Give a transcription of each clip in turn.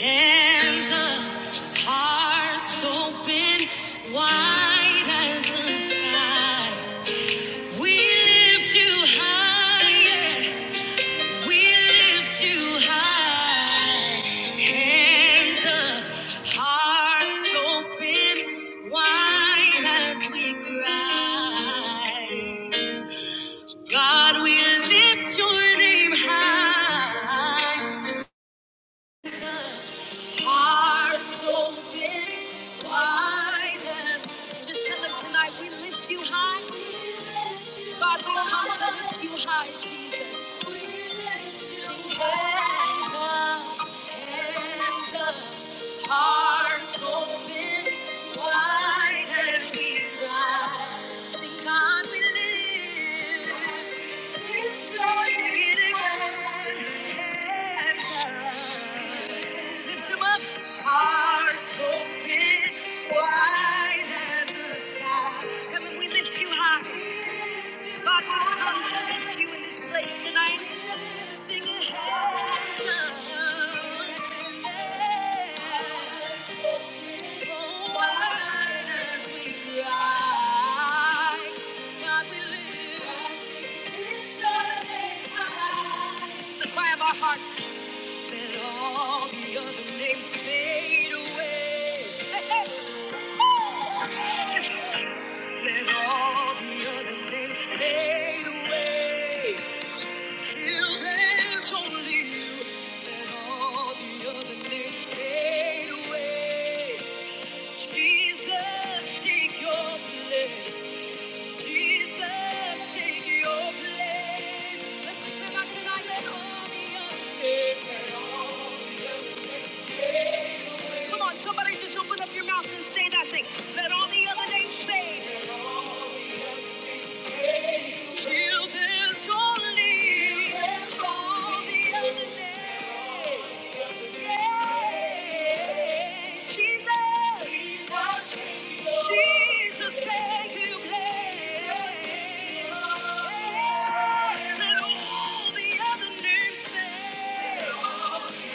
Hands up, hearts open, wide as the sky. We lift you higher, we lift you high. Hands up, hearts open, wide as we cry. God, we lift your name high. Hearts open wide. and Just tell them tonight we lift you high. God, we come to lift you high, Jesus. Sing Hands up, hands up. Hearts open wide as we rise. Sing, God, we lift. live. We hands up. Lift him up. Hearts open wide as the sky. Heaven, we lift you high. God, we come to lift you in this place tonight. Sing it. Heaven, so wide as we cry. God, we lift your name. high. the cry of our hearts. Let all the other names fade away. Let all the other things fade away till there's only you. Let all the other things fade away. Jesus, take your place. Jesus, take your place. Let, let, let, let all the other things, let all the other things. Come on, somebody just open up your mouth and say that thing. Let all the other names fade. Till there's only all the other names. Yeah. Jesus. Jesus, thank you, Lord. Let all the other names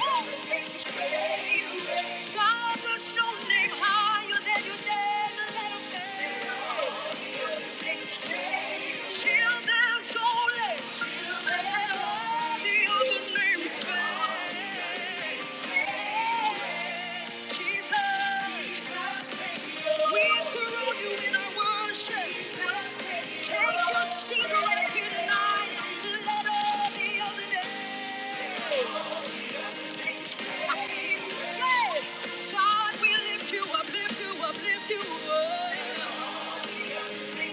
fade. God puts no name higher than your name. Let him name. Children's only. Let Jesus. We surround you in our worship. Take your seat right here tonight. Let all the other names. Hey, God, we lift you up, lift you up, lift you up all the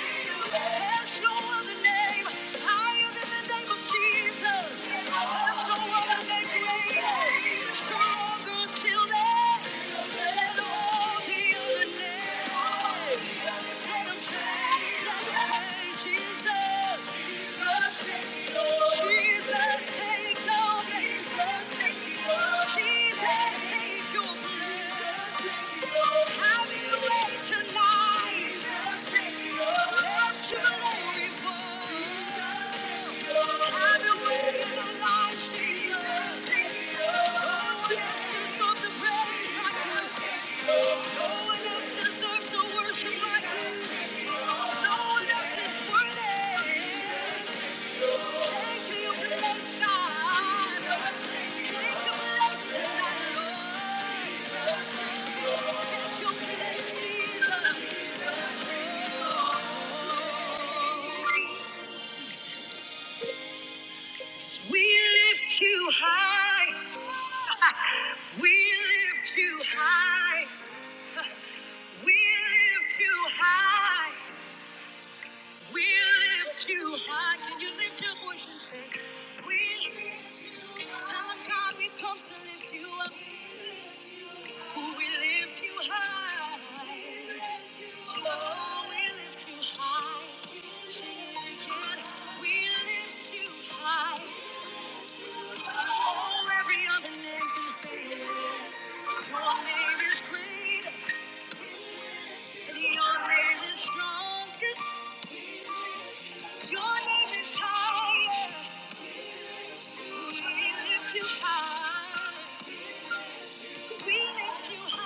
Thank you. There's no other name higher than the name of Jesus. There's no other name greater, stronger till then than all the other names. And I'm changed, Jesus. Jesus, take no Jesus, take Worship like you. No one else is worthy. We lift you high. We lift you high. We lift you high. We lift you high. Can you lift your voice and say, We lift you high. Tell 'em, God, we have come to lift you up. We lift you high. Oh, we lift you high. We lift you high. Oh, every other name can fail. Your name is great. your name is strong. Your name is higher. We lift you high. We lift you high.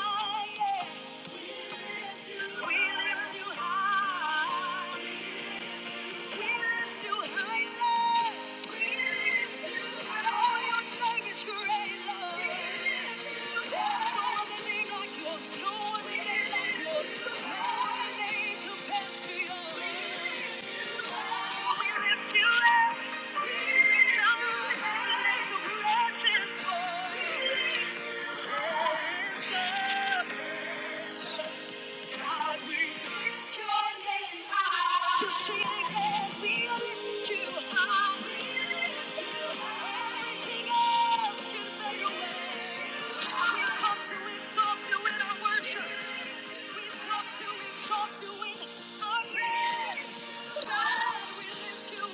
We lift you high. Thank you. God, we lift your name high. To see again, we lift you high. We lift you high. King of kings and queens. We come to exalt you in our worship. We come to exalt you in our praise. God, we lift you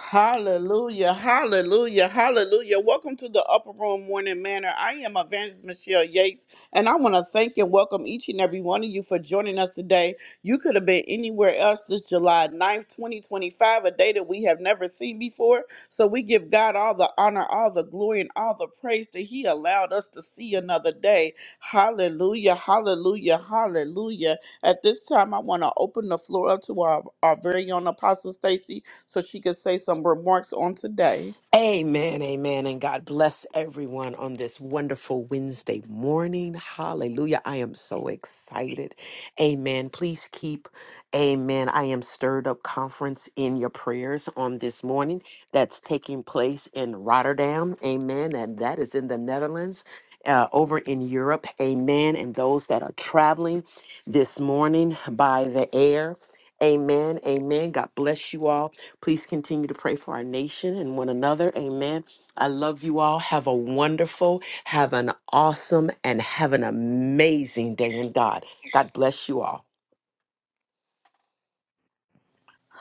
Hallelujah, hallelujah, hallelujah. Welcome to the Upper Room Morning Manor. I am Evangelist Michelle Yates, and I want to thank and welcome each and every one of you for joining us today. You could have been anywhere else this July ninth, 2025, a day that we have never seen before. So we give God all the honor, all the glory, and all the praise that He allowed us to see another day. Hallelujah, hallelujah, hallelujah. At this time, I want to open the floor up to our, our very own Apostle Stacy so she could say some remarks on today. Amen, amen, and God bless everyone on this wonderful Wednesday morning. Hallelujah. I am so excited. Amen. Please keep, amen. I am stirred up conference in your prayers on this morning that's taking place in Rotterdam. Amen. And that is in the Netherlands. Uh, over in Europe, amen. And those that are traveling this morning by the air, amen, amen. God bless you all. Please continue to pray for our nation and one another. Amen. I love you all. Have a wonderful, have an awesome, and have an amazing day in God. God bless you all.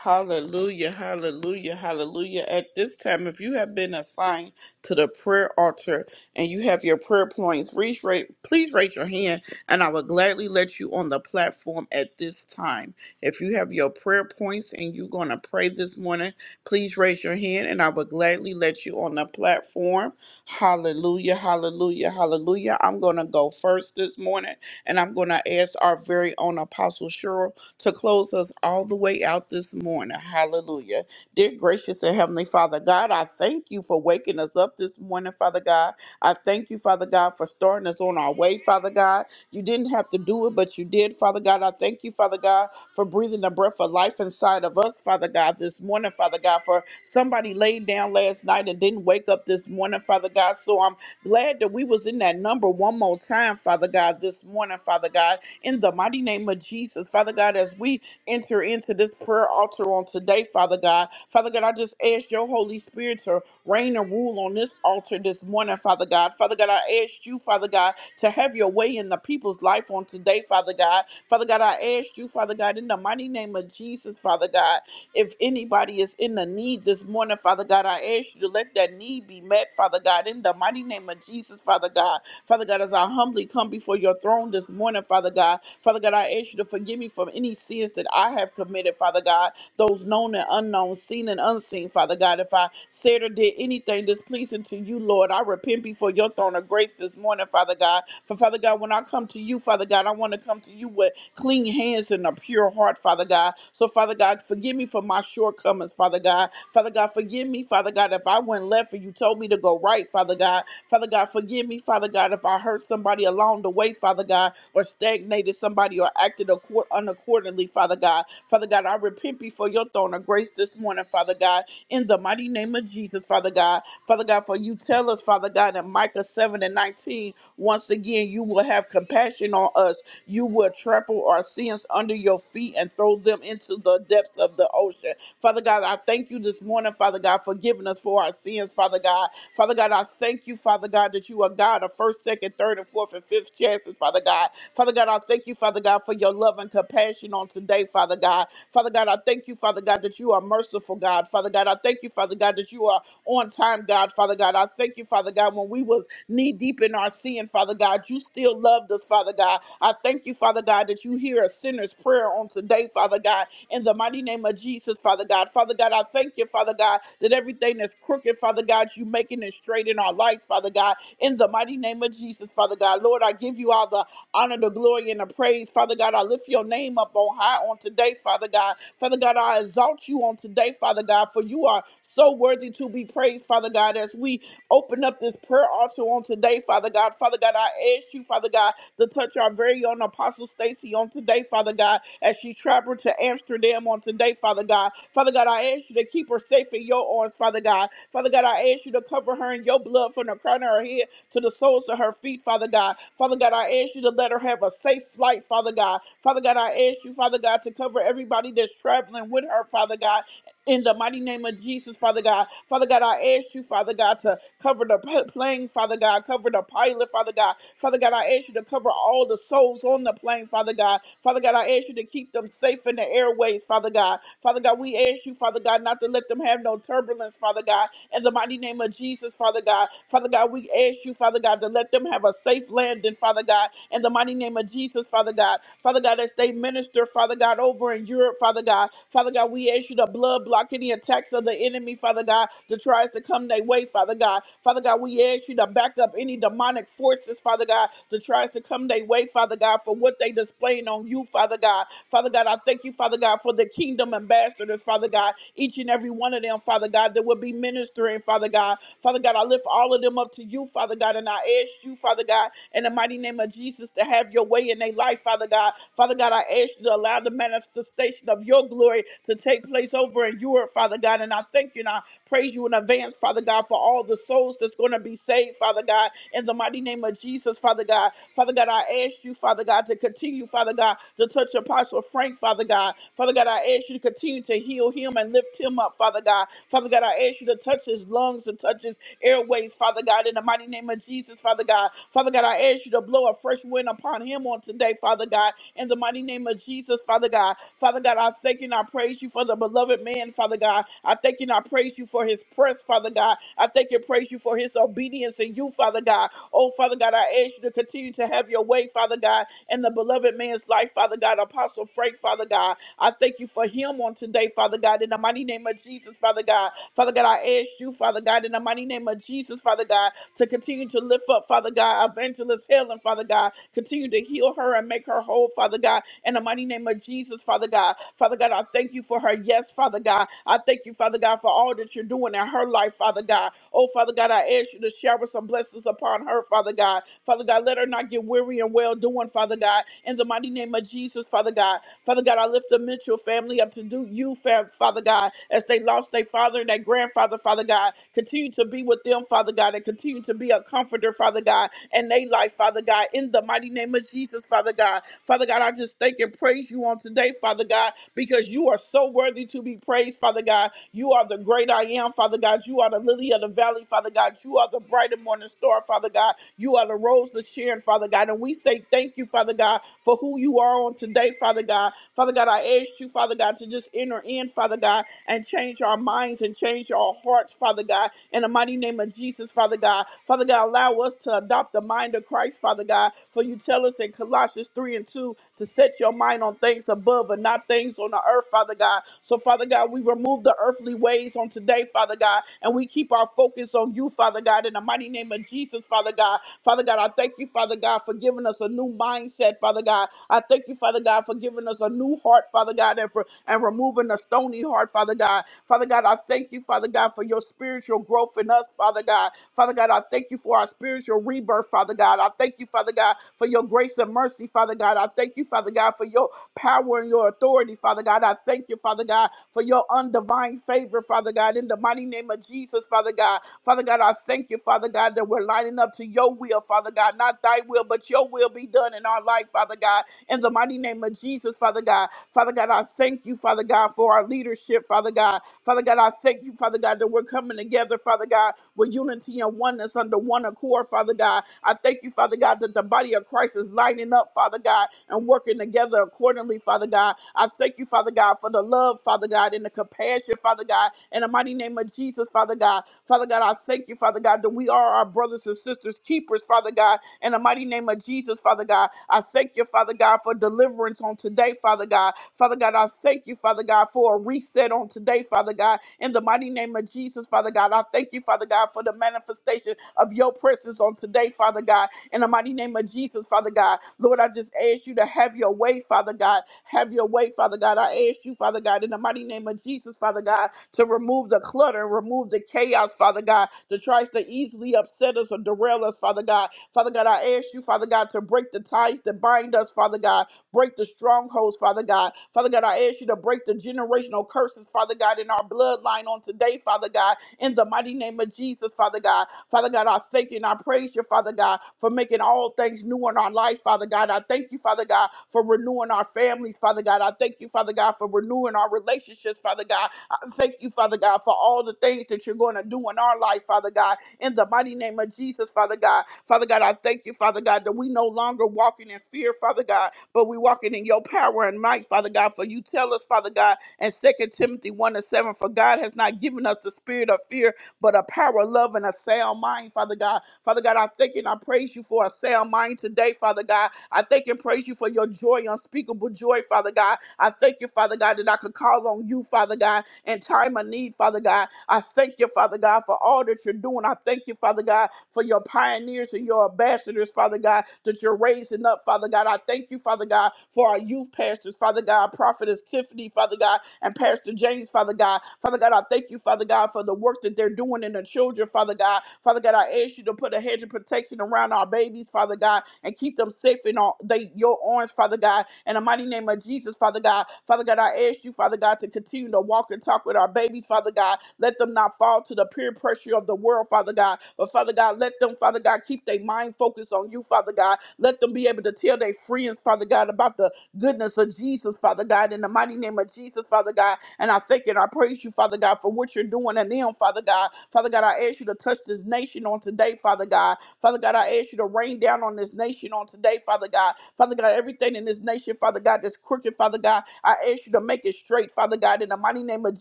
Hallelujah, hallelujah, hallelujah. At this time, if you have been assigned to the prayer altar and you have your prayer points, please raise, please raise your hand and I will gladly let you on the platform at this time. If you have your prayer points and you're going to pray this morning, please raise your hand and I will gladly let you on the platform. Hallelujah, hallelujah, hallelujah. I'm going to go first this morning and I'm going to ask our very own Apostle Cheryl to close us all the way out this morning. Hallelujah. Dear gracious and heavenly Father God, I thank you for waking us up this morning, Father God. I thank you, Father God, for starting us on our way, Father God. You didn't have to do it, but you did, Father God. I thank you, Father God, for breathing the breath of life inside of us, Father God, this morning, Father God, for somebody laid down last night and didn't wake up this morning, Father God. So I'm Glad that we was in that number one more time, Father God, this morning, Father God, in the mighty name of Jesus, Father God, as we enter into this prayer altar on today, Father God. Father God, I just ask your Holy Spirit to reign and rule on this altar this morning, Father God. Father God, I ask you, Father God, to have your way in the people's life on today, Father God. Father God, I ask you, Father God, in the mighty name of Jesus, Father God, if anybody is in the need this morning, Father God, I ask you to let that need be met, Father God, in the in the mighty name of Jesus, Father God. Father God, as I humbly come before your throne this morning, Father God, Father God, I ask you to forgive me from any sins that I have committed, Father God, those known and unknown, seen and unseen, Father God. If I said or did anything displeasing to you, Lord, I repent before your throne of grace this morning, Father God. For Father God, when I come to you, Father God, I want to come to you with clean hands and a pure heart, Father God. So, Father God, forgive me for my shortcomings, Father God. Father God, forgive me, Father God, if I went left and you told me to go go right, Father God. Father God, forgive me, Father God, if I hurt somebody along the way, Father God, or stagnated somebody or acted accord- unaccordingly, Father God. Father God, I repent before your throne of grace this morning, Father God, in the mighty name of Jesus, Father God. Father God, for you tell us, Father God, in Micah 7 and 19, once again, you will have compassion on us. You will trample our sins under your feet and throw them into the depths of the ocean. Father God, I thank you this morning, Father God, for giving us for our sins, Father God. Father God. Father God, I thank you, Father God, that you are God of first, second, third, and fourth, and fifth chances, Father God. Father God, I thank you, Father God, for your love and compassion on today, Father God. Father God, I thank you, Father God, that you are merciful, God. Father God, I thank you, Father God, that you are on time, God. Father God, I thank you, Father God, when we was knee deep in our sin, Father God, you still loved us, Father God. I thank you, Father God, that you hear a sinner's prayer on today, Father God, in the mighty name of Jesus, Father God. Father God, I thank you, Father God, that everything that's crooked crooked, Father God. You making it straight in our life, Father God. In the mighty name of Jesus, Father God. Lord, I give you all the honor, the glory, and the praise, Father God. I lift your name up on high on today, Father God. Father God, I exalt you on today, Father God, for you are so worthy to be praised, Father God, as we open up this prayer altar on today, Father God. Father God, I ask you, Father God, to touch our very own Apostle Stacy on today, Father God, as she traveled to Amsterdam on today, Father God. Father God, I ask you to keep her safe in your arms, Father. Father God. Father God, I ask you to cover her in your blood from the crown of her head to the soles of her feet, Father God. Father God, I ask you to let her have a safe flight, Father God. Father God, I ask you, Father God, to cover everybody that's traveling with her, Father God. In the mighty name of Jesus, Father God. Father God, I ask you, Father God, to cover the p- plane, Father God. Cover the pilot, Father God. Father God, I ask you to cover all the souls on the plane, Father God. Father God, I ask you to keep them safe in the airways, Father God. Father God, we ask you, Father God, not to let them have no turbulence, Father God, in the mighty name of Jesus, Father God. Father God, we ask you, Father God, to let them have a safe landing, Father God, in the mighty name of Jesus, Father God. Father God, as they minister, Father God, over in Europe, Father God. Father God, we ask you to blood block any attacks of the enemy, Father God, that tries to come their way, Father God. Father God, we ask you to back up any demonic forces, Father God, that tries to come their way, Father God, for what they displaying on you, Father God. Father God, I thank you, Father God, for the kingdom ambassadors, Father God, each and every every one of them, Father God, that will be ministering, Father God. Father God, I lift all of them up to you, Father God, and I ask you, Father God, in the mighty name of Jesus, to have your way in their life, Father God. Father God, I ask you to allow the manifestation of your glory to take place over in Europe, Father God. And I thank you and I praise you in advance, Father God, for all the souls that's going to be saved, Father God, in the mighty name of Jesus, Father God. Father God, I ask you, Father God, to continue, Father God, to touch Apostle Frank, Father God. Father God, I ask you to continue to heal him and lift lift him up, Father God. Father God, I ask you to touch his lungs and touch his airways, Father God, in the mighty name of Jesus, Father God. Father God, I ask you to blow a fresh wind upon him on today, Father God, in the mighty name of Jesus, Father God. Father God, I thank you and I praise you for the beloved man, Father God. I thank you and I praise you for his press, Father God. I thank you and praise you for his obedience in you, Father God. Oh, Father God, I ask you to continue to have your way, Father God, in the beloved man's life, Father God. Apostle Frank, Father God. I thank you for him on today, Father. Father God, in the mighty name of Jesus, Father God. Father God, I ask you, Father God, in the mighty name of Jesus, Father God, to continue to lift up, Father God, Evangelist Helen, Father God. Continue to heal her and make her whole, Father God, in the mighty name of Jesus, Father God. Father God, I thank you for her yes, Father God. I thank you, Father God, for all that you're doing in her life, Father God. Oh, Father God, I ask you to shower some blessings upon her, Father God. Father God, let her not get weary and well doing, Father God, in the mighty name of Jesus, Father God. Father God, I lift the Mitchell family up to do you, fa- Father God, as they lost their father and their grandfather, Father God. Continue to be with them, Father God, and continue to be a comforter, Father God, and they life, Father God, in the mighty name of Jesus, Father God. Father God, I just thank and praise you on today, Father God, because you are so worthy to be praised, Father God. You are the great I am, Father God. You are the lily of the valley, Father God. You are the bright and morning star, Father God. You are the rose of Sharon, Father God. And we say thank you, Father God, for who you are on today, Father God. Father God, I ask you, Father. Father God, to just enter in, Father God, and change our minds and change our hearts, Father God, in the mighty name of Jesus, Father God. Father God, allow us to adopt the mind of Christ, Father God, for you tell us in Colossians 3 and 2 to set your mind on things above and not things on the earth, Father God. So, Father God, we remove the earthly ways on today, Father God, and we keep our focus on you, Father God, in the mighty name of Jesus, Father God. Father God, I thank you, Father God, for giving us a new mindset, Father God. I thank you, Father God, for giving us a new heart, heart, Father God, and for and removing the stony heart, Father God. Father God, I thank you, Father God, for your spiritual growth in us, Father God. Father God, I thank you for our spiritual rebirth, Father God. I thank you, Father God, for your grace and mercy, Father God. I thank you, Father God, for your power and your authority, Father God. I thank you, Father God, for your undivine favor, Father God, in the mighty name of Jesus, Father God. Father God, I thank you, Father God, that we're lining up to your will, Father God, not thy will, but your will be done in our life, Father God. In the mighty name of Jesus, Father. Father God. Father God, I thank you, Father God, for our leadership, Father God. Father God, I thank you, Father God, that we're coming together, Father God, with unity and oneness under one accord, Father God. I thank you, Father God, that the body of Christ is lining up, Father God, and working together accordingly, Father God. I thank you, Father God, for the love, Father God, and the compassion, Father God, in the mighty name of Jesus, Father God. Father God, I thank you, Father God, that we are our brothers and sisters, keepers, Father God, in the mighty name of Jesus, Father God. I thank you, Father God, for deliverance words on today, Father God. Father God, I thank you, Father God, for a reset on today, Father God. In the mighty name of Jesus, Father God, I thank you, Father God, for the manifestation of your presence on today, Father God. In the mighty name of Jesus, Father God. Lord, I just ask you to have your way, Father God. Have your way, Father God. I ask you, Father God, in the mighty name of Jesus, Father God, to remove the clutter, remove the chaos, Father God, that tries to easily upset us or derail us, Father God. Father God, I ask you, Father God, to break the ties that bind us, Father God. Break the strongholds, Father God. Father God, I ask you to break the generational curses, Father God, in our bloodline on today, Father God, in the mighty name of Jesus, Father God. Father God, I thank you and I praise you, Father God, for making all things new in our life, Father God. I thank you, Father God, for renewing our families, Father God. I thank you, Father God, for renewing our relationships, Father God. I thank you, Father God, for all the things that you're going to do in our life, Father God, in the mighty name of Jesus, Father God. Father God, I thank you, Father God, that we no longer walking in walking in fear, Father God, but we walking in your power and might, Father God. For you tell us, Father God, and Second Timothy 1 and 7, for God has not given us the spirit of fear, but a power love and a sound mind, Father God. Father God, I thank and I praise you for a sound mind today, Father God. I thank and praise you for your joy, unspeakable joy, Father God. I thank you, Father God, that I could call on you, Father God, in time of need, Father God. I thank you, Father God, for all that you're doing. I thank you, Father God, for your pioneers and your ambassadors, Father God. Father God, that you're raising up, Father God. I thank you, Father God, for our youth pastors, Father God, Prophetess Tiffany, Father God, and Pastor James, Father God. Father God, I thank you, Father God, for the work that they're doing in the children, Father God. Father God, I ask you to put a hedge of protection around our babies, Father God, and keep them safe in all they, your arms, Father God. In the mighty name of Jesus, Father God. Father God, I ask you, Father God, to continue to walk and talk with our babies, Father God. Let them not fall to the peer pressure of the world, Father God. But Father God, let them, Father God, God. Keep their mind focused on you, Father God. Let them be able to tell their friends, Father God, about the goodness of Jesus, Father God, in the mighty name of Jesus, Father God. And I thank you and I praise you, Father God, for what you're doing in them, Father God. Father God, I ask you to touch this nation on today, Father God. Father God, I ask you to rain down on this nation on today, Father God. Father God, everything in this nation, Father God, that's crooked, Father God, I ask you to make it straight, Father God, in the mighty name of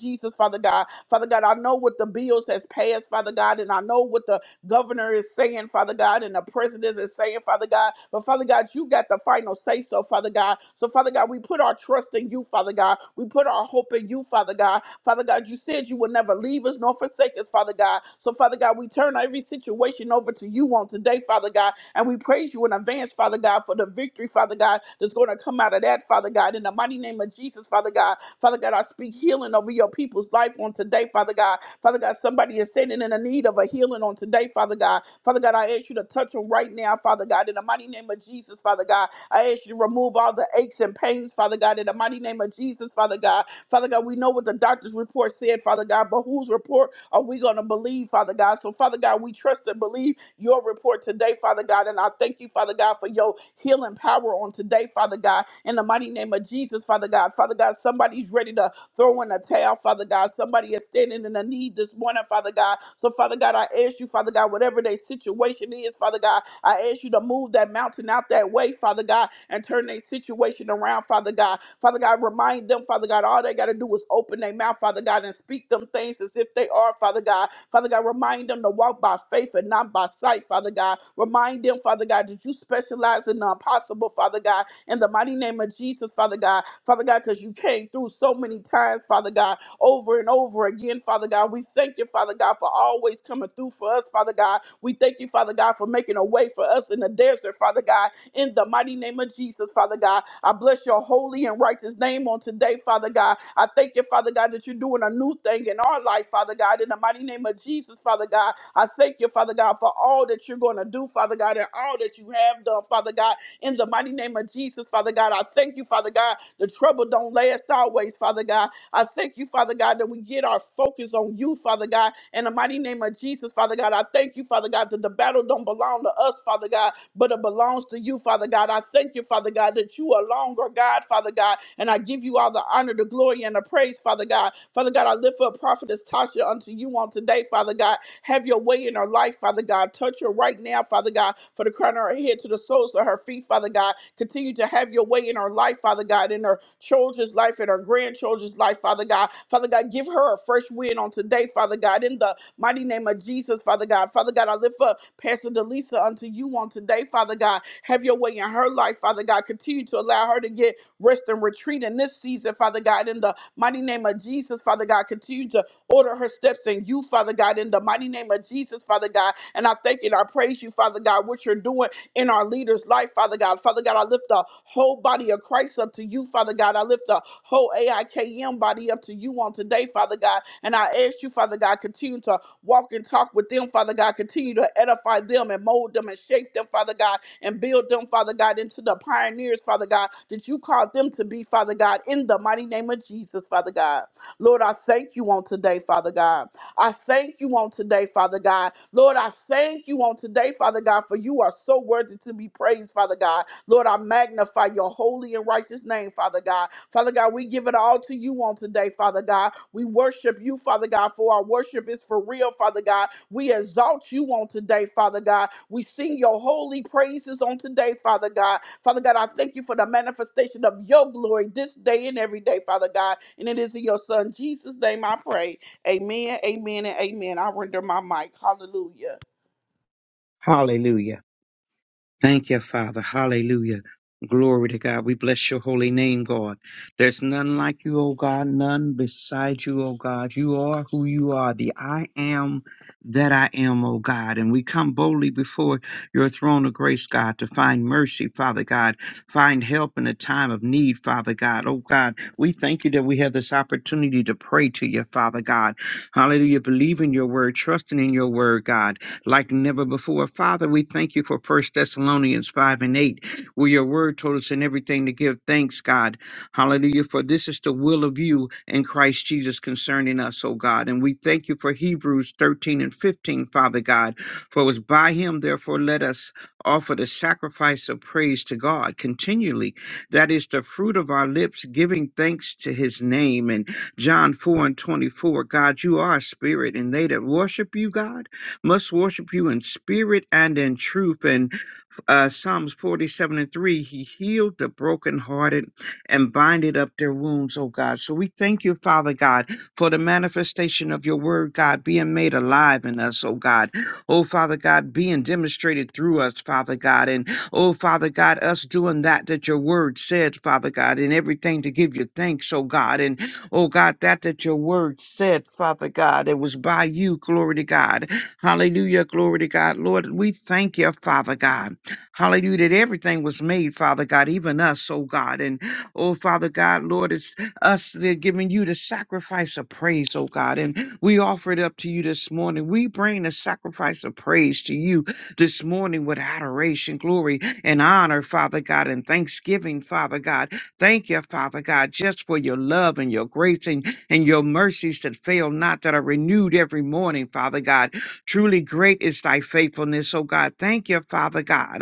Jesus, Father God. Father God, I know what the bills has passed, Father God, and I know what the governor is saying, Father God, and the president is saying, Father God. But Father God, you got the final say so, Father God. So, Father God, we put our trust in you, Father God. We put our hope in you, Father God. Father God, you said you would never leave us nor forsake us, Father God. So, Father God, we turn every situation over to you on today, Father God. And we praise you in advance, Father God, for the victory, Father God, that's going to come out of that, Father God. In the mighty name of Jesus, Father God. Father God, I speak healing over your people's life on today, Father God. Father God, somebody Somebody is standing in the need of a healing on today, Father God. Father God, I ask you to touch them right now, Father God, in the mighty name of Jesus, Father God. I ask you to remove all the aches and pains, Father God, in the mighty name of Jesus, Father God. Father God, we know what the doctor's report said, Father God, but whose report are we going to believe, Father God? So, Father God, we trust and believe your report today, Father God, and I thank you, Father God, for your healing power on today, Father God, in the mighty name of Jesus, Father God. Father God, somebody's ready to throw in a towel, Father God. God. Somebody is standing in a need this morning, Father God. So, Father God, I ask you, Father God, whatever their situation is, Father God, I ask you to move that mountain out that way, Father God, and turn their situation around, Father God. Father God, remind them, Father God, all they got to do is open their mouth, Father God, and speak them things as if they are, Father God. Father God, remind them to walk by faith and not by sight, Father God. Remind them, Father God, that you specialize in the impossible, Father God, in the mighty name of Jesus, Father God. Father God, because you came through so so many times, Father God, over and over again, Father God. We thank you, Father God, for always coming through for us, Father God. We thank you, Father God, for making a way for us in the desert, Father God, in the mighty name of Jesus, Father God. I bless your holy and righteous name on today, Father God. I thank you, Father God, that you're doing a new thing in our life, Father God, in the mighty name of Jesus, Father God. I thank you, Father God, for all that you're going to do, Father God, and all that you have done, Father God, in the mighty name of Jesus, Father God. I thank you, Father God. God. The trouble don't last always, Father God. I thank you, Father God, that we get our focus on you, Father God. In the mighty name of Jesus, Father God, I thank you, Father God, that the battle don't belong to us, Father God, but it belongs to you, Father God. I thank you, Father God, that you alone are God, Father God, and I give you all the honor, the glory, and the praise, Father God. Father God, I lift up Prophetess Tasha unto you on today, Father God. Have your way in her life, Father God. Touch her right now, Father God, for the crown of her head to the soles of her feet, Father God. Continue to have your way in her life, Father God, in her children's life, in her grandchildren's life, Father God. Father God, give her a fresh wind on today, Father God, in the mighty name of Jesus, Father God. Father God, I lift up Pastor Delisa unto you on today, Father God. Have your way in her life, Father God. Continue to allow her to get rest and retreat in this season, Father God, in the mighty name of Jesus, Father God. Continue to order her steps in you, Father God, in the mighty name of Jesus, Father God. And I thank you and I praise you, Father God, what you're doing in our leader's life, Father God. Father God, I lift the whole body of Christ up to you, Father God. I lift the whole AIKM body up to you on today, Father God. And I ask you, Father God, continue to walk and talk with them, Father God. Continue to edify them and mold them and shape them, Father God, and build them, Father God, into the pioneers, Father God, that you called them to be, Father God, in the mighty name of Jesus, Father God. Lord, I thank you on today, Father God. I thank you on today, Father God. Lord, I thank you on today, Father God, for you are so worthy to be praised, Father God. Lord, I magnify your holy and righteous name, Father God. Father God, we give it all to you on today, Father God. We worship you, Father God, for our worship is for real, Father God. We exalt you on today, Father God. We sing your holy praises on today, Father God. Father God, I thank you for the manifestation of your glory this day and every day, Father God. And it is in your Son, Jesus' name, I pray. Amen, amen, and amen. I render my mic. Hallelujah. Hallelujah. Thank you, Father. Hallelujah. Glory to God. We bless your holy name, God. There's none like you, O God, none beside you, O God. You are who you are, the I am that I am, O God. And we come boldly before your throne of grace, God, to find mercy, Father God, find help in a time of need, Father God. Oh God, we thank you that we have this opportunity to pray to you, Father God. Hallelujah. Believe in your word, trusting in your word, God like never before. Father, we thank you for First Thessalonians 5 and 8, where your word told us in everything to give thanks, God. Hallelujah. For this is the will of you in Christ Jesus concerning us, O God. And we thank you for Hebrews 13 and 15, Father God. For it was by him, therefore, let us offer the sacrifice of praise to God continually. That is the fruit of our lips, giving thanks to his name. And John 4 and 24, God, you are a spirit, and they that worship you, God must worship you in spirit and in truth. And uh, Psalms 47 and 3, He healed the brokenhearted and binded up their wounds, oh God. So we thank you, Father God, for the manifestation of your word, God, being made alive in us, oh God. Oh, Father God, being demonstrated through us, Father God. And oh, Father God, us doing that that your word said, Father God, and everything to give you thanks, oh God. And oh, God, that that your word said, Father God, it was by you, glory to God. Hallelujah, glory to God. Lord, we thank you, Father God. Hallelujah, that everything was made, Father God, even us, oh God. And oh, Father God, Lord, it's us that are giving you the sacrifice of praise, oh God. And we offer it up to you this morning. We bring the sacrifice of praise to you this morning with adoration, glory, and honor, Father God, and thanksgiving, Father God. Thank you, Father God, just for your love and your grace and, and your mercies that fail not, that are renewed every morning, Father God. Truly great is thy faithfulness, oh God. Thank you, Father God.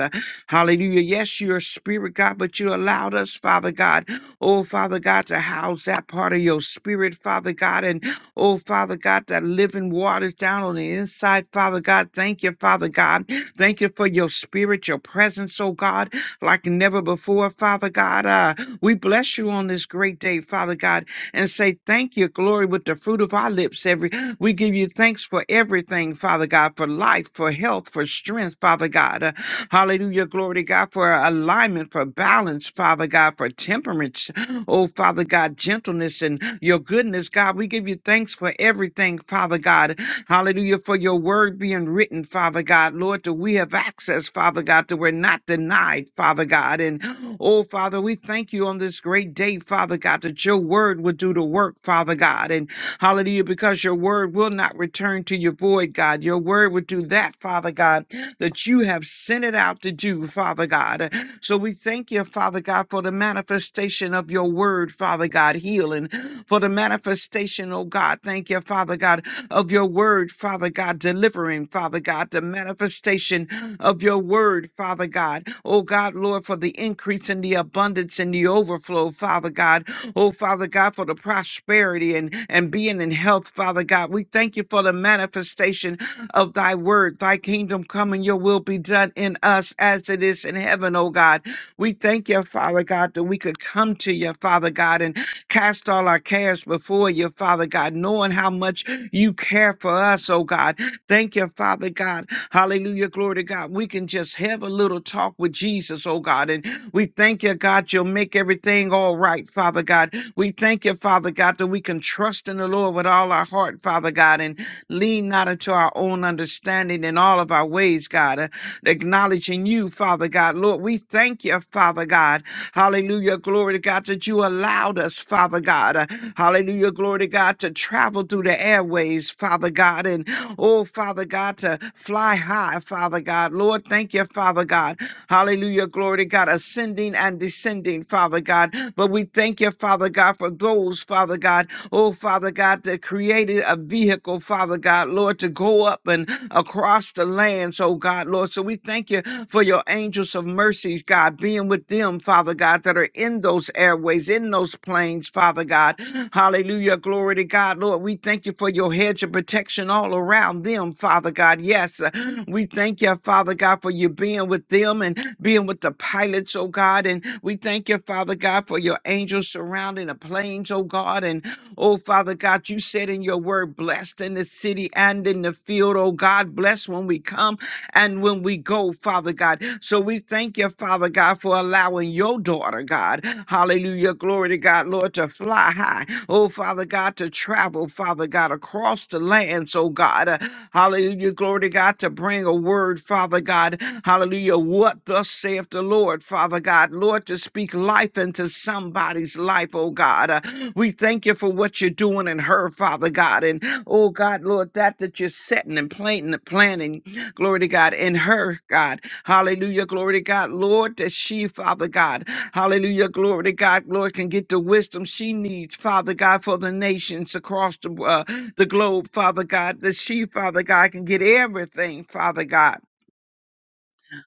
Hallelujah. Yes, you're a spirit, God, but you allowed us, Father God, oh, Father God, to house that part of your spirit, Father God. And oh, Father God, that living waters down on the inside, Father God. Thank you, Father God. Thank you for your spirit, your presence, oh God, like never before, Father God. Uh, we bless you on this great day, Father God, and say thank you, glory, with the fruit of our lips every we give you thanks for everything, Father God, for life, for health, for strength, Father God. Uh, hallelujah. Glory to God for alignment, for balance, Father God, for temperance. Oh, Father God, gentleness and your goodness, God. We give you thanks for everything, Father God. Hallelujah. For your word being written, Father God. Lord, that we have access, Father God, that we're not denied, Father God. And oh, Father, we thank you on this great day, Father God, that your word would do the work, Father God. and. Hallelujah, because your word will not return to your void, God. Your word will do that, Father God, that you have sent it out to do, Father God. So we thank you, Father God, for the manifestation of your word, Father God, healing, for the manifestation, oh God. Thank you, Father God, of your word, Father God, delivering, Father God, the manifestation of your word, Father God. Oh God, Lord, for the increase and the abundance and the overflow, Father God. Oh, Father God, for the prosperity and, and being in health, Father God. We thank you for the manifestation of thy word. Thy kingdom come and your will be done in us as it is in heaven, oh God. We thank you, Father God, that we could come to you, Father God, and cast all our cares before you, Father God, knowing how much you care for us, oh God. Thank you, Father God. Hallelujah. Glory to God. We can just have a little talk with Jesus, oh God, and we thank you, God, you'll make everything all right, Father God. We thank you, Father God, that we can trust in the Lord with all our heart, Father God, and lean not into our own understanding in all of our ways, God acknowledging you, Father God. Lord, we thank you, Father God. Hallelujah. Glory to God that you allowed us, Father God. Uh, Hallelujah. Glory to God to travel through the airways, Father God. And oh, Father God, to fly high, Father God. Lord, thank you, Father God. Hallelujah. Glory to God. Ascending and descending, Father God. But we thank you, Father God, for those, Father God. Oh, Father God, that created a vehicle, Father God. God, Lord, to go up and across the lands, oh God, Lord. So we thank you for your angels of mercies, God, being with them, Father God, that are in those airways, in those planes, Father God. Hallelujah. Glory to God, Lord. We thank you for your hedge of protection all around them, Father God. Yes, uh, we thank you, Father God, for you being with them and being with the pilots, oh God. And we thank you, Father God, for your angels surrounding the planes, oh God. And Oh, Father God, you said in your word, blessed in the city and in the field. Oh, God, bless when we come and when we go, Father God. So we thank you, Father God, for allowing your daughter, God. Hallelujah. Glory to God, Lord, to fly high. Oh, Father God, to travel, Father God, across the lands, oh God. Uh, hallelujah. Glory to God, to bring a word, Father God. Hallelujah. What thus saith the Lord, Father God. Lord, to speak life into somebody's life, oh God. Uh, we thank you for what you're doing in her, Father God. And oh God, Lord, that that you're setting and planting and planning, glory to God, in her, God. Hallelujah, glory to God. Lord, that she, Father God, hallelujah, glory to God, Lord, can get the wisdom she needs, Father God, for the nations across the, uh, the globe, Father God, that she, Father God, can get everything, Father God.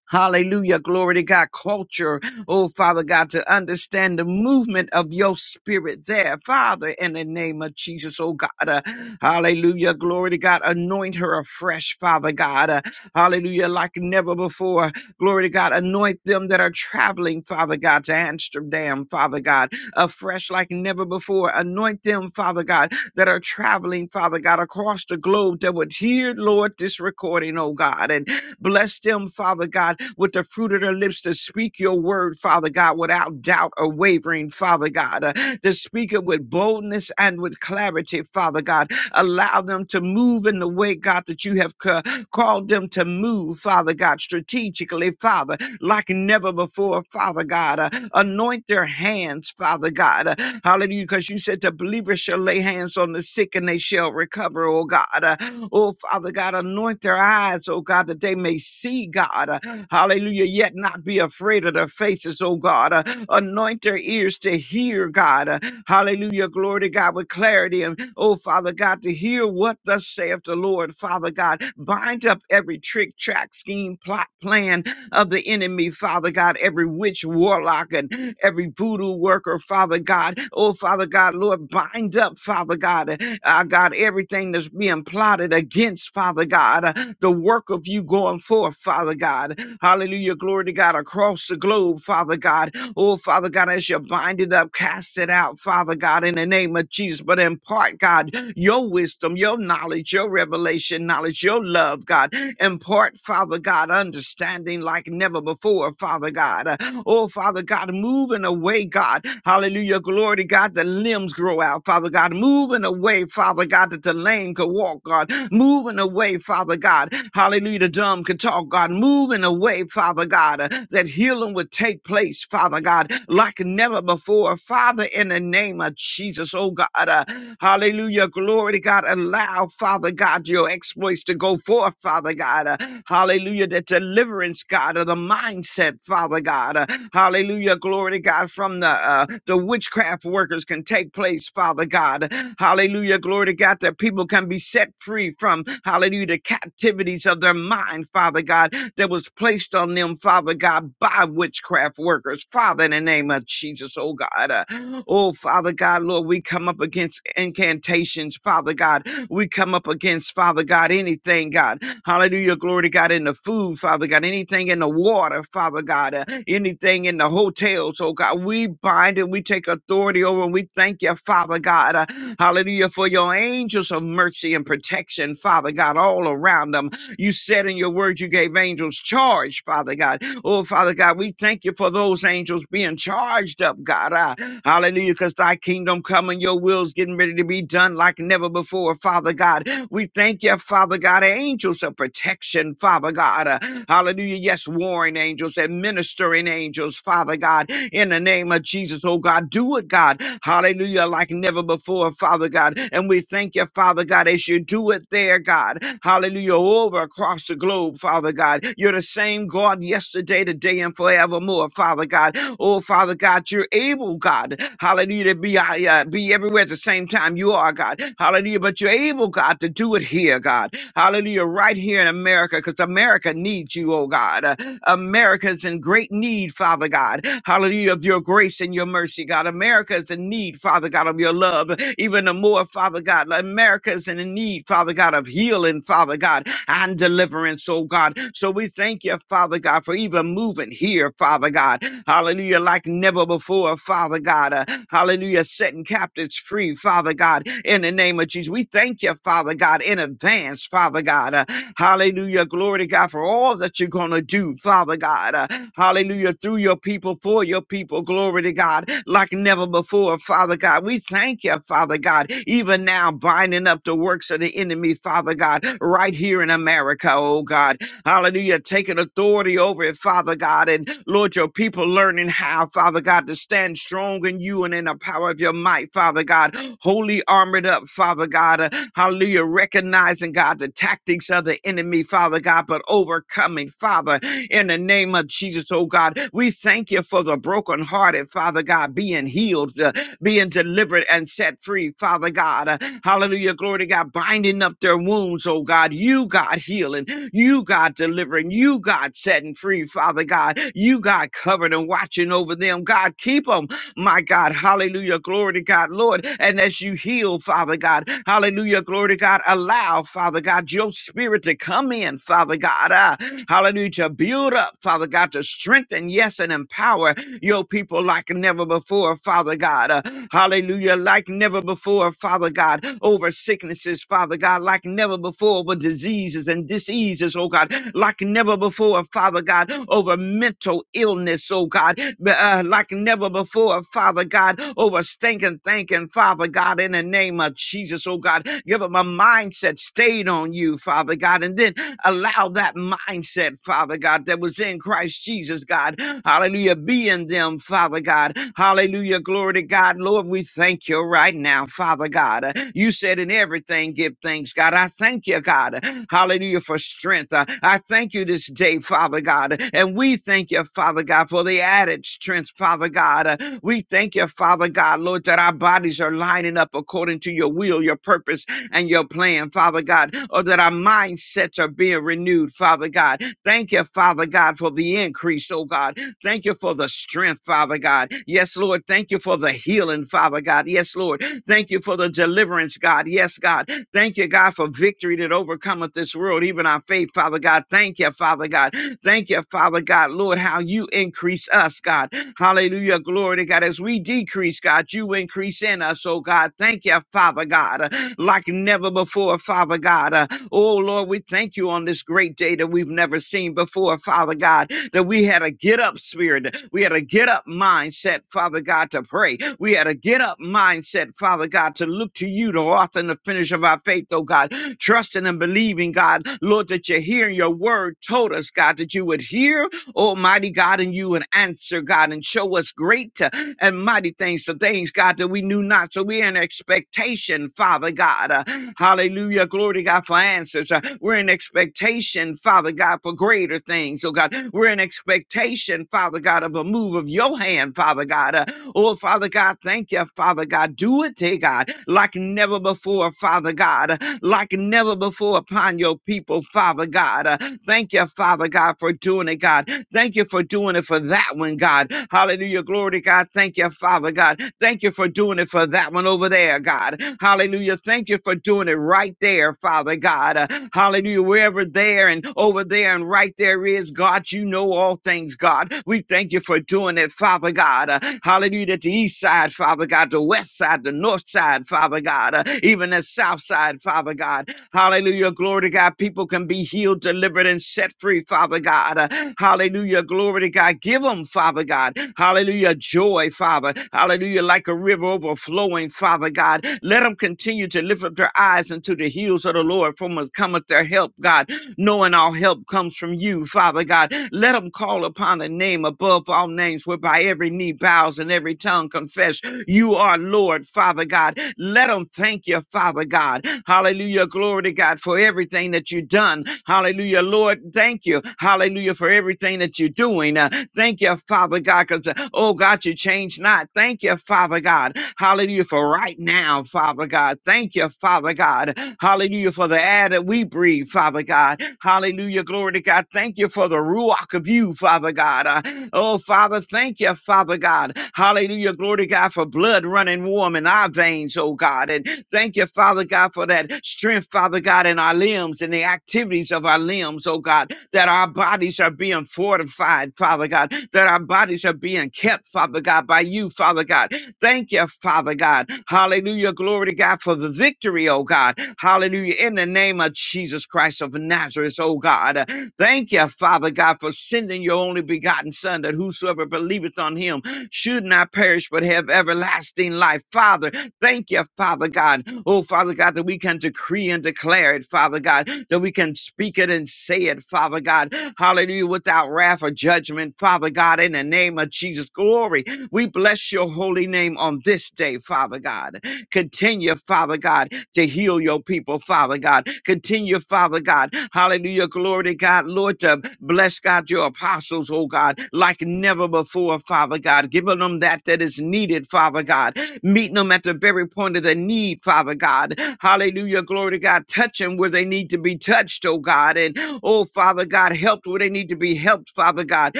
Hallelujah. Glory to God. Culture. Oh, Father God, to understand the movement of your spirit there. Father, in the name of Jesus, oh God. uh, hallelujah. Glory to God. Anoint her afresh, Father God. uh, hallelujah. Like never before. Glory to God. Anoint them that are traveling, Father God, to Amsterdam, Father God, afresh like never before. Anoint them, Father God, that are traveling, Father God, across the globe that would hear, Lord, this recording, oh God. and. Bless them, Father God, with the fruit of their lips to speak your word, Father God, without doubt or wavering, Father God, uh, to speak it with boldness and with clarity, Father God, Allow them to move in the way, God, that you have ca- called them to move, Father God, strategically, Father, like never before, Father God. Uh, anoint their hands, Father God. Uh, hallelujah, because you said the believers shall lay hands on the sick and they shall recover, oh God. Uh, oh, Father God, anoint their eyes, oh God, that they may see, God. Uh, hallelujah, yet not be afraid of their faces, oh God. Uh, anoint their ears to hear, God. Uh, Hallelujah. Glory to God with clarity. And oh, Father God, to hear what thus saith the Lord, Father God. Bind up every trick, track, scheme, plot, plan of the enemy, Father God. Every witch, warlock, and every voodoo worker, Father God. Oh, Father God, Lord, bind up, Father God. Uh, uh, God, everything that's being plotted against, Father God. uh, the work of you going forth, Father God. Hallelujah. Glory to God across the globe, Father God Oh, Father God, as you bind it up, cast it out, Father God, in the name of Jesus. But impart, God, your wisdom, your knowledge, your revelation, knowledge, your love, God. Impart, Father God, understanding like never before, Father God. Uh, Oh, Father God, moving away, God. Hallelujah. Glory to God. The limbs grow out, Father God. Moving away, Father God, that the lame could walk talk, God. Moving away, Father God. Hallelujah. The dumb can talk, God. Moving away, Father God. uh, that healing would take place, Father God, like never before. Father, in the name of Jesus, oh God. uh, hallelujah. Glory to God. Allow, Father God, your exploits to go forth, Father God. uh, hallelujah. That deliverance, God, of the mindset, Father God. uh, Hallelujah. Glory to God. From the uh, the witchcraft workers can take place, Father God. Hallelujah. Glory to God that people can be set free from, hallelujah, the captivities of their mind, Father God, that was placed on them, Father God, by witchcraft workers. Father, in the name of Jesus, oh God. uh, oh, Father God, Lord, we come up against incantations, Father God. We come up against, Father God, anything, God. Hallelujah. Glory to God in the food, Father God. Anything in the water, Father God. uh, anything in the hotels, oh God. We bind it. We take authority over and we thank you, Father God. uh, hallelujah. For your angels of mercy and protection, Father God, all around them. You said in your word you gave angels charge, Father God. Oh, Father God, we thank you for those angels being charged up, God. Ah, hallelujah, because thy kingdom come and your will's getting ready to be done like never before, Father God. We thank you, Father God, angels of protection, Father God. Uh, hallelujah. Yes, warring angels and ministering angels, Father God, in the name of Jesus, oh God, do it, God. Hallelujah, like never before, Father God. And we thank you, Father God, as you do it there there, God. Hallelujah. Over across the globe, Father God. You're the same God yesterday, today, and forevermore, Father God. Oh, Father God, you're able, God. Hallelujah. To be, uh, be everywhere at the same time. You are, God. Hallelujah. But you're able, God, to do it here, God. Hallelujah. Right here in America, because America needs you, oh God. Uh, America is in great need, Father God. Hallelujah. Of your grace and your mercy, God. America is in need, Father God, of your love. Even the more, Father God. America is in need, Father God, of healing, Father God, and deliverance, oh God. So we thank you, Father God, for even moving here, Father God. Hallelujah. Like never before, Father God. Uh, hallelujah. Setting captives free, Father God, in the name of Jesus. We thank you, Father God, in advance, Father God. Uh, hallelujah. Glory to God for all that you're going to do, Father God. Uh, hallelujah. Through your people, for your people. Glory to God. Like never before, Father God. We thank you, Father God, even now binding up the works of the enemy, Father God, right here in America, oh God. Hallelujah. Taking authority over it, Father God. And Lord, your people learning how, Father God, to stand strong in you and in the power of your might, Father God. Holy armored up, Father God. Uh, hallelujah. Recognizing, God, the tactics of the enemy, Father God, but overcoming, Father, in the name of Jesus, oh God. We thank you for the brokenhearted, Father God, being healed, uh, being delivered and set free, Father God. Uh, hallelujah. Glory to God. Binding up their wounds, oh God. You, God, healing. You, God, delivering. You, God, setting free, Father God. You, God, covering and watching over them. God, keep them, my God. Hallelujah. Glory to God, Lord. And as you heal, Father God, hallelujah. Glory to God. Allow, Father God, your spirit to come in, Father God. Ah, hallelujah. To build up, Father God, to strengthen, yes, and empower your people like never before, Father God. Uh, hallelujah. Like never before, Father God. Over sicknesses, Father God. Like never before, over diseases and diseases, oh God. Like never before, Father God. Over mental illness, oh God. B- Uh, like never before, Father God. Over stinking thinking, Father God. In the name of Jesus, oh God. Give them a mindset stayed on on you, Father God, and then allow that mindset, Father God, that was in Christ Jesus, God. Hallelujah. Be in them, Father God. Hallelujah. Glory to God. Lord, we thank you right now, Father God. Uh, You said in everything, give thanks, God. I thank you, God. uh, Hallelujah for strength. Uh, I thank you this day, Father God. And we thank you, Father God, for the added strength, Father God. Uh, We thank you, Father God, Lord, that our bodies are lining up according to your will, your purpose, and your plan, Father God, or that our mindsets are being renewed, Father God. Thank you, Father God, for the increase, oh God. Thank you for the strength, Father God. Yes, Lord. Thank you for the healing, Father God. Yes, Lord. Thank you for the deliverance, God. Yes, God. Thank you, God, for victory that overcometh this world, even our faith, Father God. Thank you, Father God. Thank you, Father God, Lord, how you increase us, God. Hallelujah. Glory to God. As we decrease, God, you increase in us, oh God. Thank you, Father God like never before, Father God. Uh, oh, Lord, we thank you on this great day that we've never seen before, Father God, that we had a get up spirit. We had a get up mindset, Father God, to pray. We had a get up mindset, Father God, to look to you, the author and the finish of our faith, oh God, trusting and believing, God, Lord, that you're hearing your word told us, God, that you would hear, Almighty God, and you would answer, God, and show us great. uh, and mighty things, the things, God, that we knew not. So we're in expectation, Father God. Uh, hallelujah. Glory to God for answers. Uh, we're in expectation, Father God, for greater things. Oh God, we're in expectation, Father God, of a move of your hand, Father God. Uh, Oh, Father God, thank you, Father God. Do it, dear God, like never before, Father God, like never before upon your people, Father God. Uh, Thank you, Father God, for doing it, God. Thank you for doing it for that one, God. Hallelujah. Glory to God. Thank you, Father God. Thank you for doing it for that one over there, prayer, God. Hallelujah. Thank you for doing it right there, Father God. Uh, hallelujah. Wherever there and over there and right there is, God, you know all things, God. We thank you for doing it, Father God. Uh, hallelujah. That the east side, Father God, the west side, the north side, Father God, uh, even the south side, Father God. Hallelujah. Glory to God. People can be healed, delivered, and set free, Father God. Uh, Hallelujah. Glory to God. Give them, Father God. Hallelujah. Joy, Father. Hallelujah. Like a river overflowing, Father God. Let them continue to lift up their eyes unto the hills of the Lord, from us cometh their help, God knowing our help comes from you, Father God. Let them call upon a name above all names, whereby every knee bows and every tongue confess you are Lord, Father God. Let them thank you, Father God. Hallelujah. Glory to God for everything that you've done. Hallelujah. Lord, thank you. Hallelujah for everything that you're doing. Uh, thank you, Father God, because, oh God, you change not. Thank you, Father God. God. Hallelujah for right now, Father God. Thank you, Father God. Hallelujah for the air that we breathe, Father God. Hallelujah, glory to God. Thank you for the ruach of you, Father God. Uh, oh, Father, thank you, Father God. Hallelujah, glory to God for blood running warm in our veins, oh God. And thank you, Father God, for that strength, Father God, in our limbs and the activities of our limbs, oh God, that our bodies are being fortified, Father God, that our bodies are being kept, Father God, by you, Father God. Thank you, Father God. Hallelujah. Glory to God for the victory, oh God. Hallelujah. In the name of Jesus Christ of Nazareth, oh God. Thank you, Father God, for sending your only begotten Son, that whosoever believeth on him should not perish but have everlasting life. Father, thank you, Father God. Oh, Father God, that we can decree and declare it, Father God, that we can speak it and say it, Father God. Hallelujah, without wrath or judgment, Father God, in the name of Jesus. Glory. We bless your holy name on this day, Father God. Continue, Father God, to heal your people, Father God. Continue, Father God. Hallelujah. Glory to God, Lord, to bless God your apostles, oh God, like never before, Father God. Giving them that that is needed, Father God meeting them at the very point of their need, Father God. Hallelujah. Glory to God. Touch them where they need to be touched, oh God. And oh, Father God, help where they need to be helped, Father God.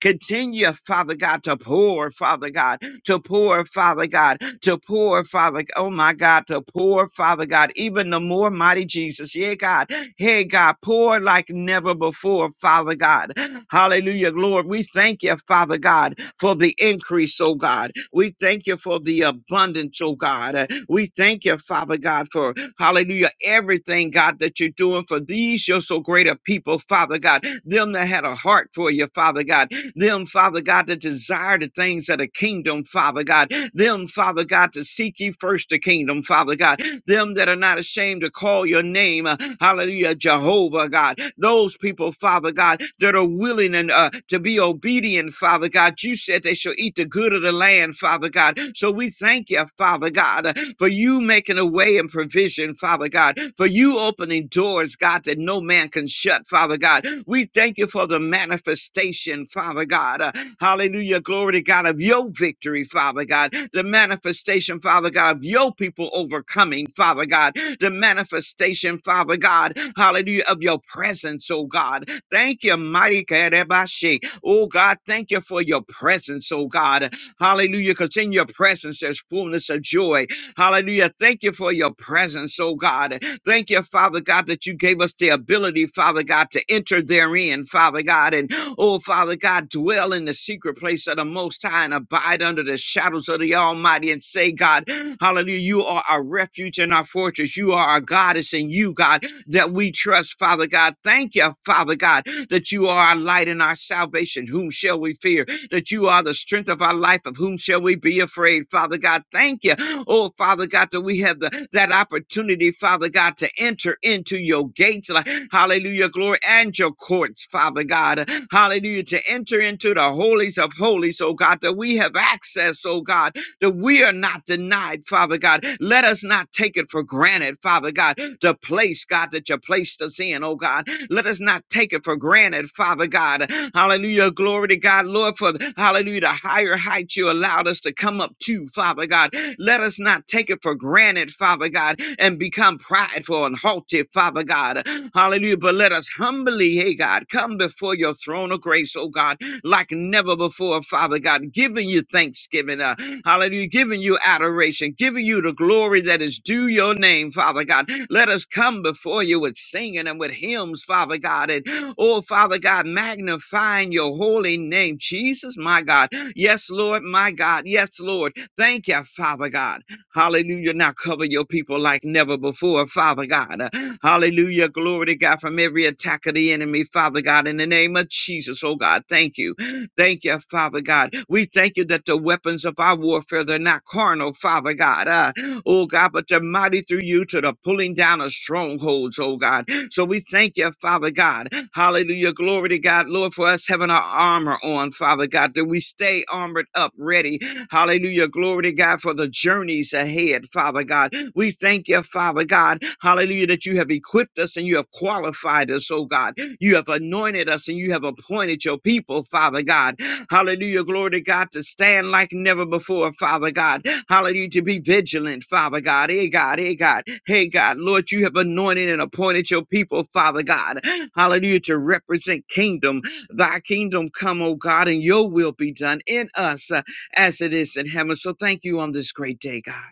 Continue, Father God, to pour, Father God, to pour, Father God, to pour, Father. g- Oh my God, to pour, Father God, even the more mighty Jesus. Yeah, God. Hey, God, pour like never before, Father God. Hallelujah, Lord. We thank you, Father God, for the increase, oh God. We thank you for the abundance, oh God. Uh, We thank you, Father God, for hallelujah, everything, God, that you're doing for these, your so great a people, Father God. Them that had a heart for you, Father God. Them, Father God, that desire the things of the kingdom, Father God. Them, Father God, to seek ye first the kingdom, Father God them that are not ashamed to call your name. uh, Hallelujah, Jehovah God. Those people, Father God, that are willing and uh, to be obedient, Father God. You said they shall eat the good of the land, Father God. So we thank you, Father God, uh, for you making a way and provision, Father God, for you opening doors, God, that no man can shut, Father God. We thank you for the manifestation, Father God. uh, Hallelujah. Glory to God of your victory, Father God. The manifestation, Father God, of your people overcoming, Father God. The manifestation, Father God. Hallelujah. Of your presence, oh God. Thank you, mighty Kadebashi. Oh God, thank you for your presence, oh God. Hallelujah. Because in your presence there's fullness of joy. Hallelujah. Thank you for your presence, oh God. Thank you, Father God, that you gave us the ability, Father God, to enter therein, Father God. And oh, Father God, dwell in the secret place of the Most High and abide under the shadows of the Almighty and say, God, hallelujah, you are our refuge and our fortress. You are our goddess and you, God, that we trust, Father God. Thank you, Father God, that you are our light and our salvation. Whom shall we fear? that you are the strength of our life. Of whom shall we be afraid? Father God, thank you. Oh, Father God, that we have the, that opportunity, Father God, to enter into your gates. like, Hallelujah, glory, and your courts, Father God. Hallelujah, to enter into the holies of holies, oh God, that we have access, oh God, that we are not denied, Father God. Let us not take it for granted, Father God, the place, God, that you placed us in, oh God. Let us not take it for granted, Father God. Hallelujah. Glory to God, Lord, for hallelujah, the higher heights you allowed us to come up to, Father God. Let us not take it for granted, Father God, and become prideful and haughty, Father God. Hallelujah. But let us humbly, hey God, come before your throne of grace, oh God like never before, Father God, giving you thanksgiving, uh, hallelujah, giving you adoration, giving you the glory that is due your name, Father God. Let us come before you with singing and with hymns, Father God, and oh, Father God, magnifying your holy name, Jesus, my God. Yes, Lord, my God. Yes, Lord. Thank you, Father God. Hallelujah. Now cover your people like never before, Father God. Uh, Hallelujah. Glory to God from every attack of the enemy, Father God, in the name of Jesus. Oh God, thank you. Thank you, Father God. We thank you that the weapons of our warfare, they're not carnal, Father God. Uh, oh God, but they're mighty through you to the pulling down of strongholds, oh God. So we thank you, Father God. Hallelujah. Glory to God, Lord, for us having our armor on, Father God, that we stay armored up, ready Hallelujah. Glory to God for the journeys ahead, Father God. We thank you, Father God. Hallelujah, that you have equipped us and you have qualified us, oh God. You have anointed us and you have appointed your people, Father God. Hallelujah. Glory to God to stand like never before, Father God. Hallelujah. To be vigilant, Father God. Hey, God. Hey, God. Hey, God. Lord, you have anointed and appointed your people, Father God. Hallelujah. To represent kingdom. Thy kingdom come, oh God, and your will be done in us as it is in heaven. So thank you on this great day, God.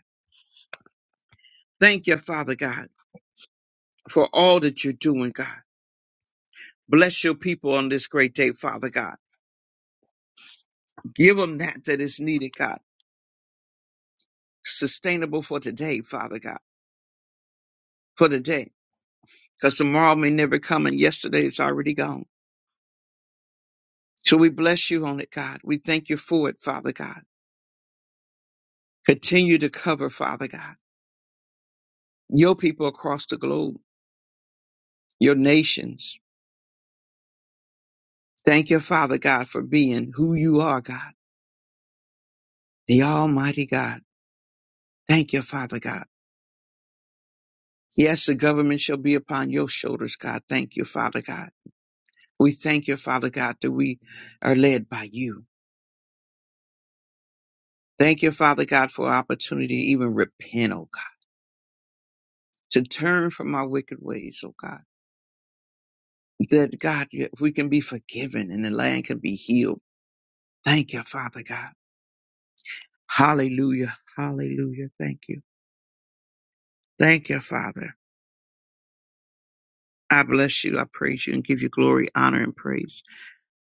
Thank you, Father God, for all that you're doing, God. Bless your people on this great day, Father God. Give them that that is needed, God. Sustainable for today, Father God, for today. Because tomorrow may never come and yesterday is already gone. So we bless you on it, God. We thank you for it, Father God. Continue to cover, Father God, your people across the globe, your nations. Thank you, Father God, for being who you are, God, the Almighty God. Thank you, Father God. Yes, the government shall be upon your shoulders, God. Thank you, Father God. We thank you, Father God, that we are led by you. Thank you, Father God, for opportunity to even repent, oh God, to turn from our wicked ways, oh God. That God, if we can be forgiven and the land can be healed. Thank you, Father God. Hallelujah. Hallelujah. Thank you. Thank you, Father. I bless you. I praise you and give you glory, honor, and praise.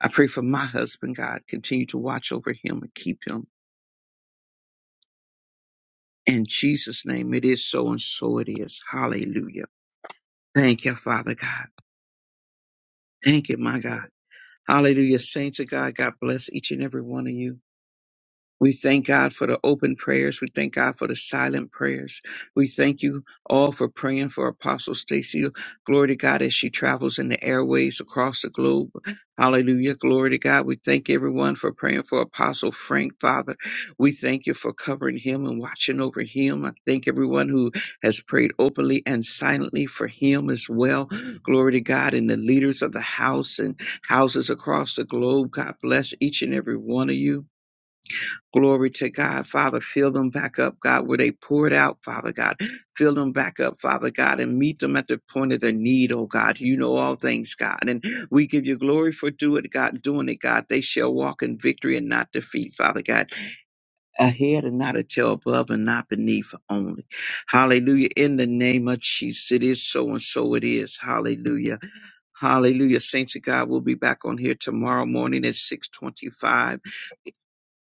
I pray for my husband, God. Continue to watch over him and keep him. In Jesus' name, it is so and so it is. Hallelujah. Thank you, Father God. Thank you, my God. Hallelujah. Saints of God, God bless each and every one of you. We thank God for the open prayers. We thank God for the silent prayers. We thank you all for praying for Apostle Stacy. Glory to God as she travels in the airways across the globe. Hallelujah. Glory to God. We thank everyone for praying for Apostle Frank, Father. We thank you for covering him and watching over him. I thank everyone who has prayed openly and silently for him as well. Glory to God and the leaders of the house and houses across the globe. God bless each and every one of you. Glory to God, Father. Fill them back up, God, where they poured out, Father God. Fill them back up, Father God, and meet them at the point of their need, oh God. You know all things, God. And we give you glory for do it, God, doing it, God. They shall walk in victory and not defeat, Father God. Ahead and not a tail above and not beneath only. Hallelujah. In the name of Jesus. It is so and so it is. Hallelujah. Hallelujah. Saints of God, we'll be back on here tomorrow morning at 625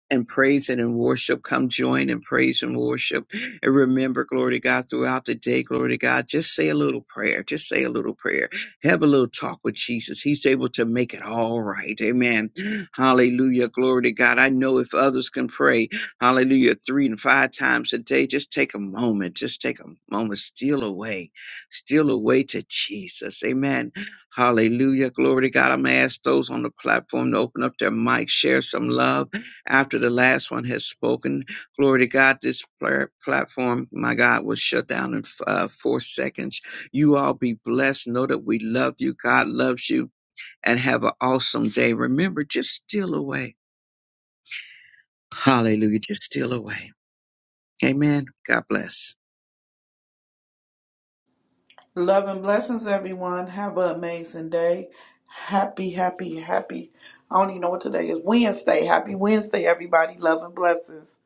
and praise and in worship. Come join in praise and worship. And remember, glory to God, throughout the day, glory to God, just say a little prayer. Just say a little prayer. Have a little talk with Jesus. He's able to make it all right. Amen. Hallelujah. Glory to God. I know if others can pray, hallelujah, three and five times a day, just take a moment. Just take a moment. Steal away. Steal away to Jesus. Amen. Hallelujah. Glory to God. I'm going to ask those on the platform to open up their mic, share some love after the last one has spoken, glory to God, this pla- platform, my God, will shut down in uh, four seconds. You all be blessed. Know that we love you. God loves you. And have an awesome day. Remember, just steal away. Hallelujah. Just steal away. Amen. God bless. Love and blessings, everyone. Have an amazing day. Happy, happy, happy. I don't even know what today is. Wednesday. Happy Wednesday, everybody. Love and blessings.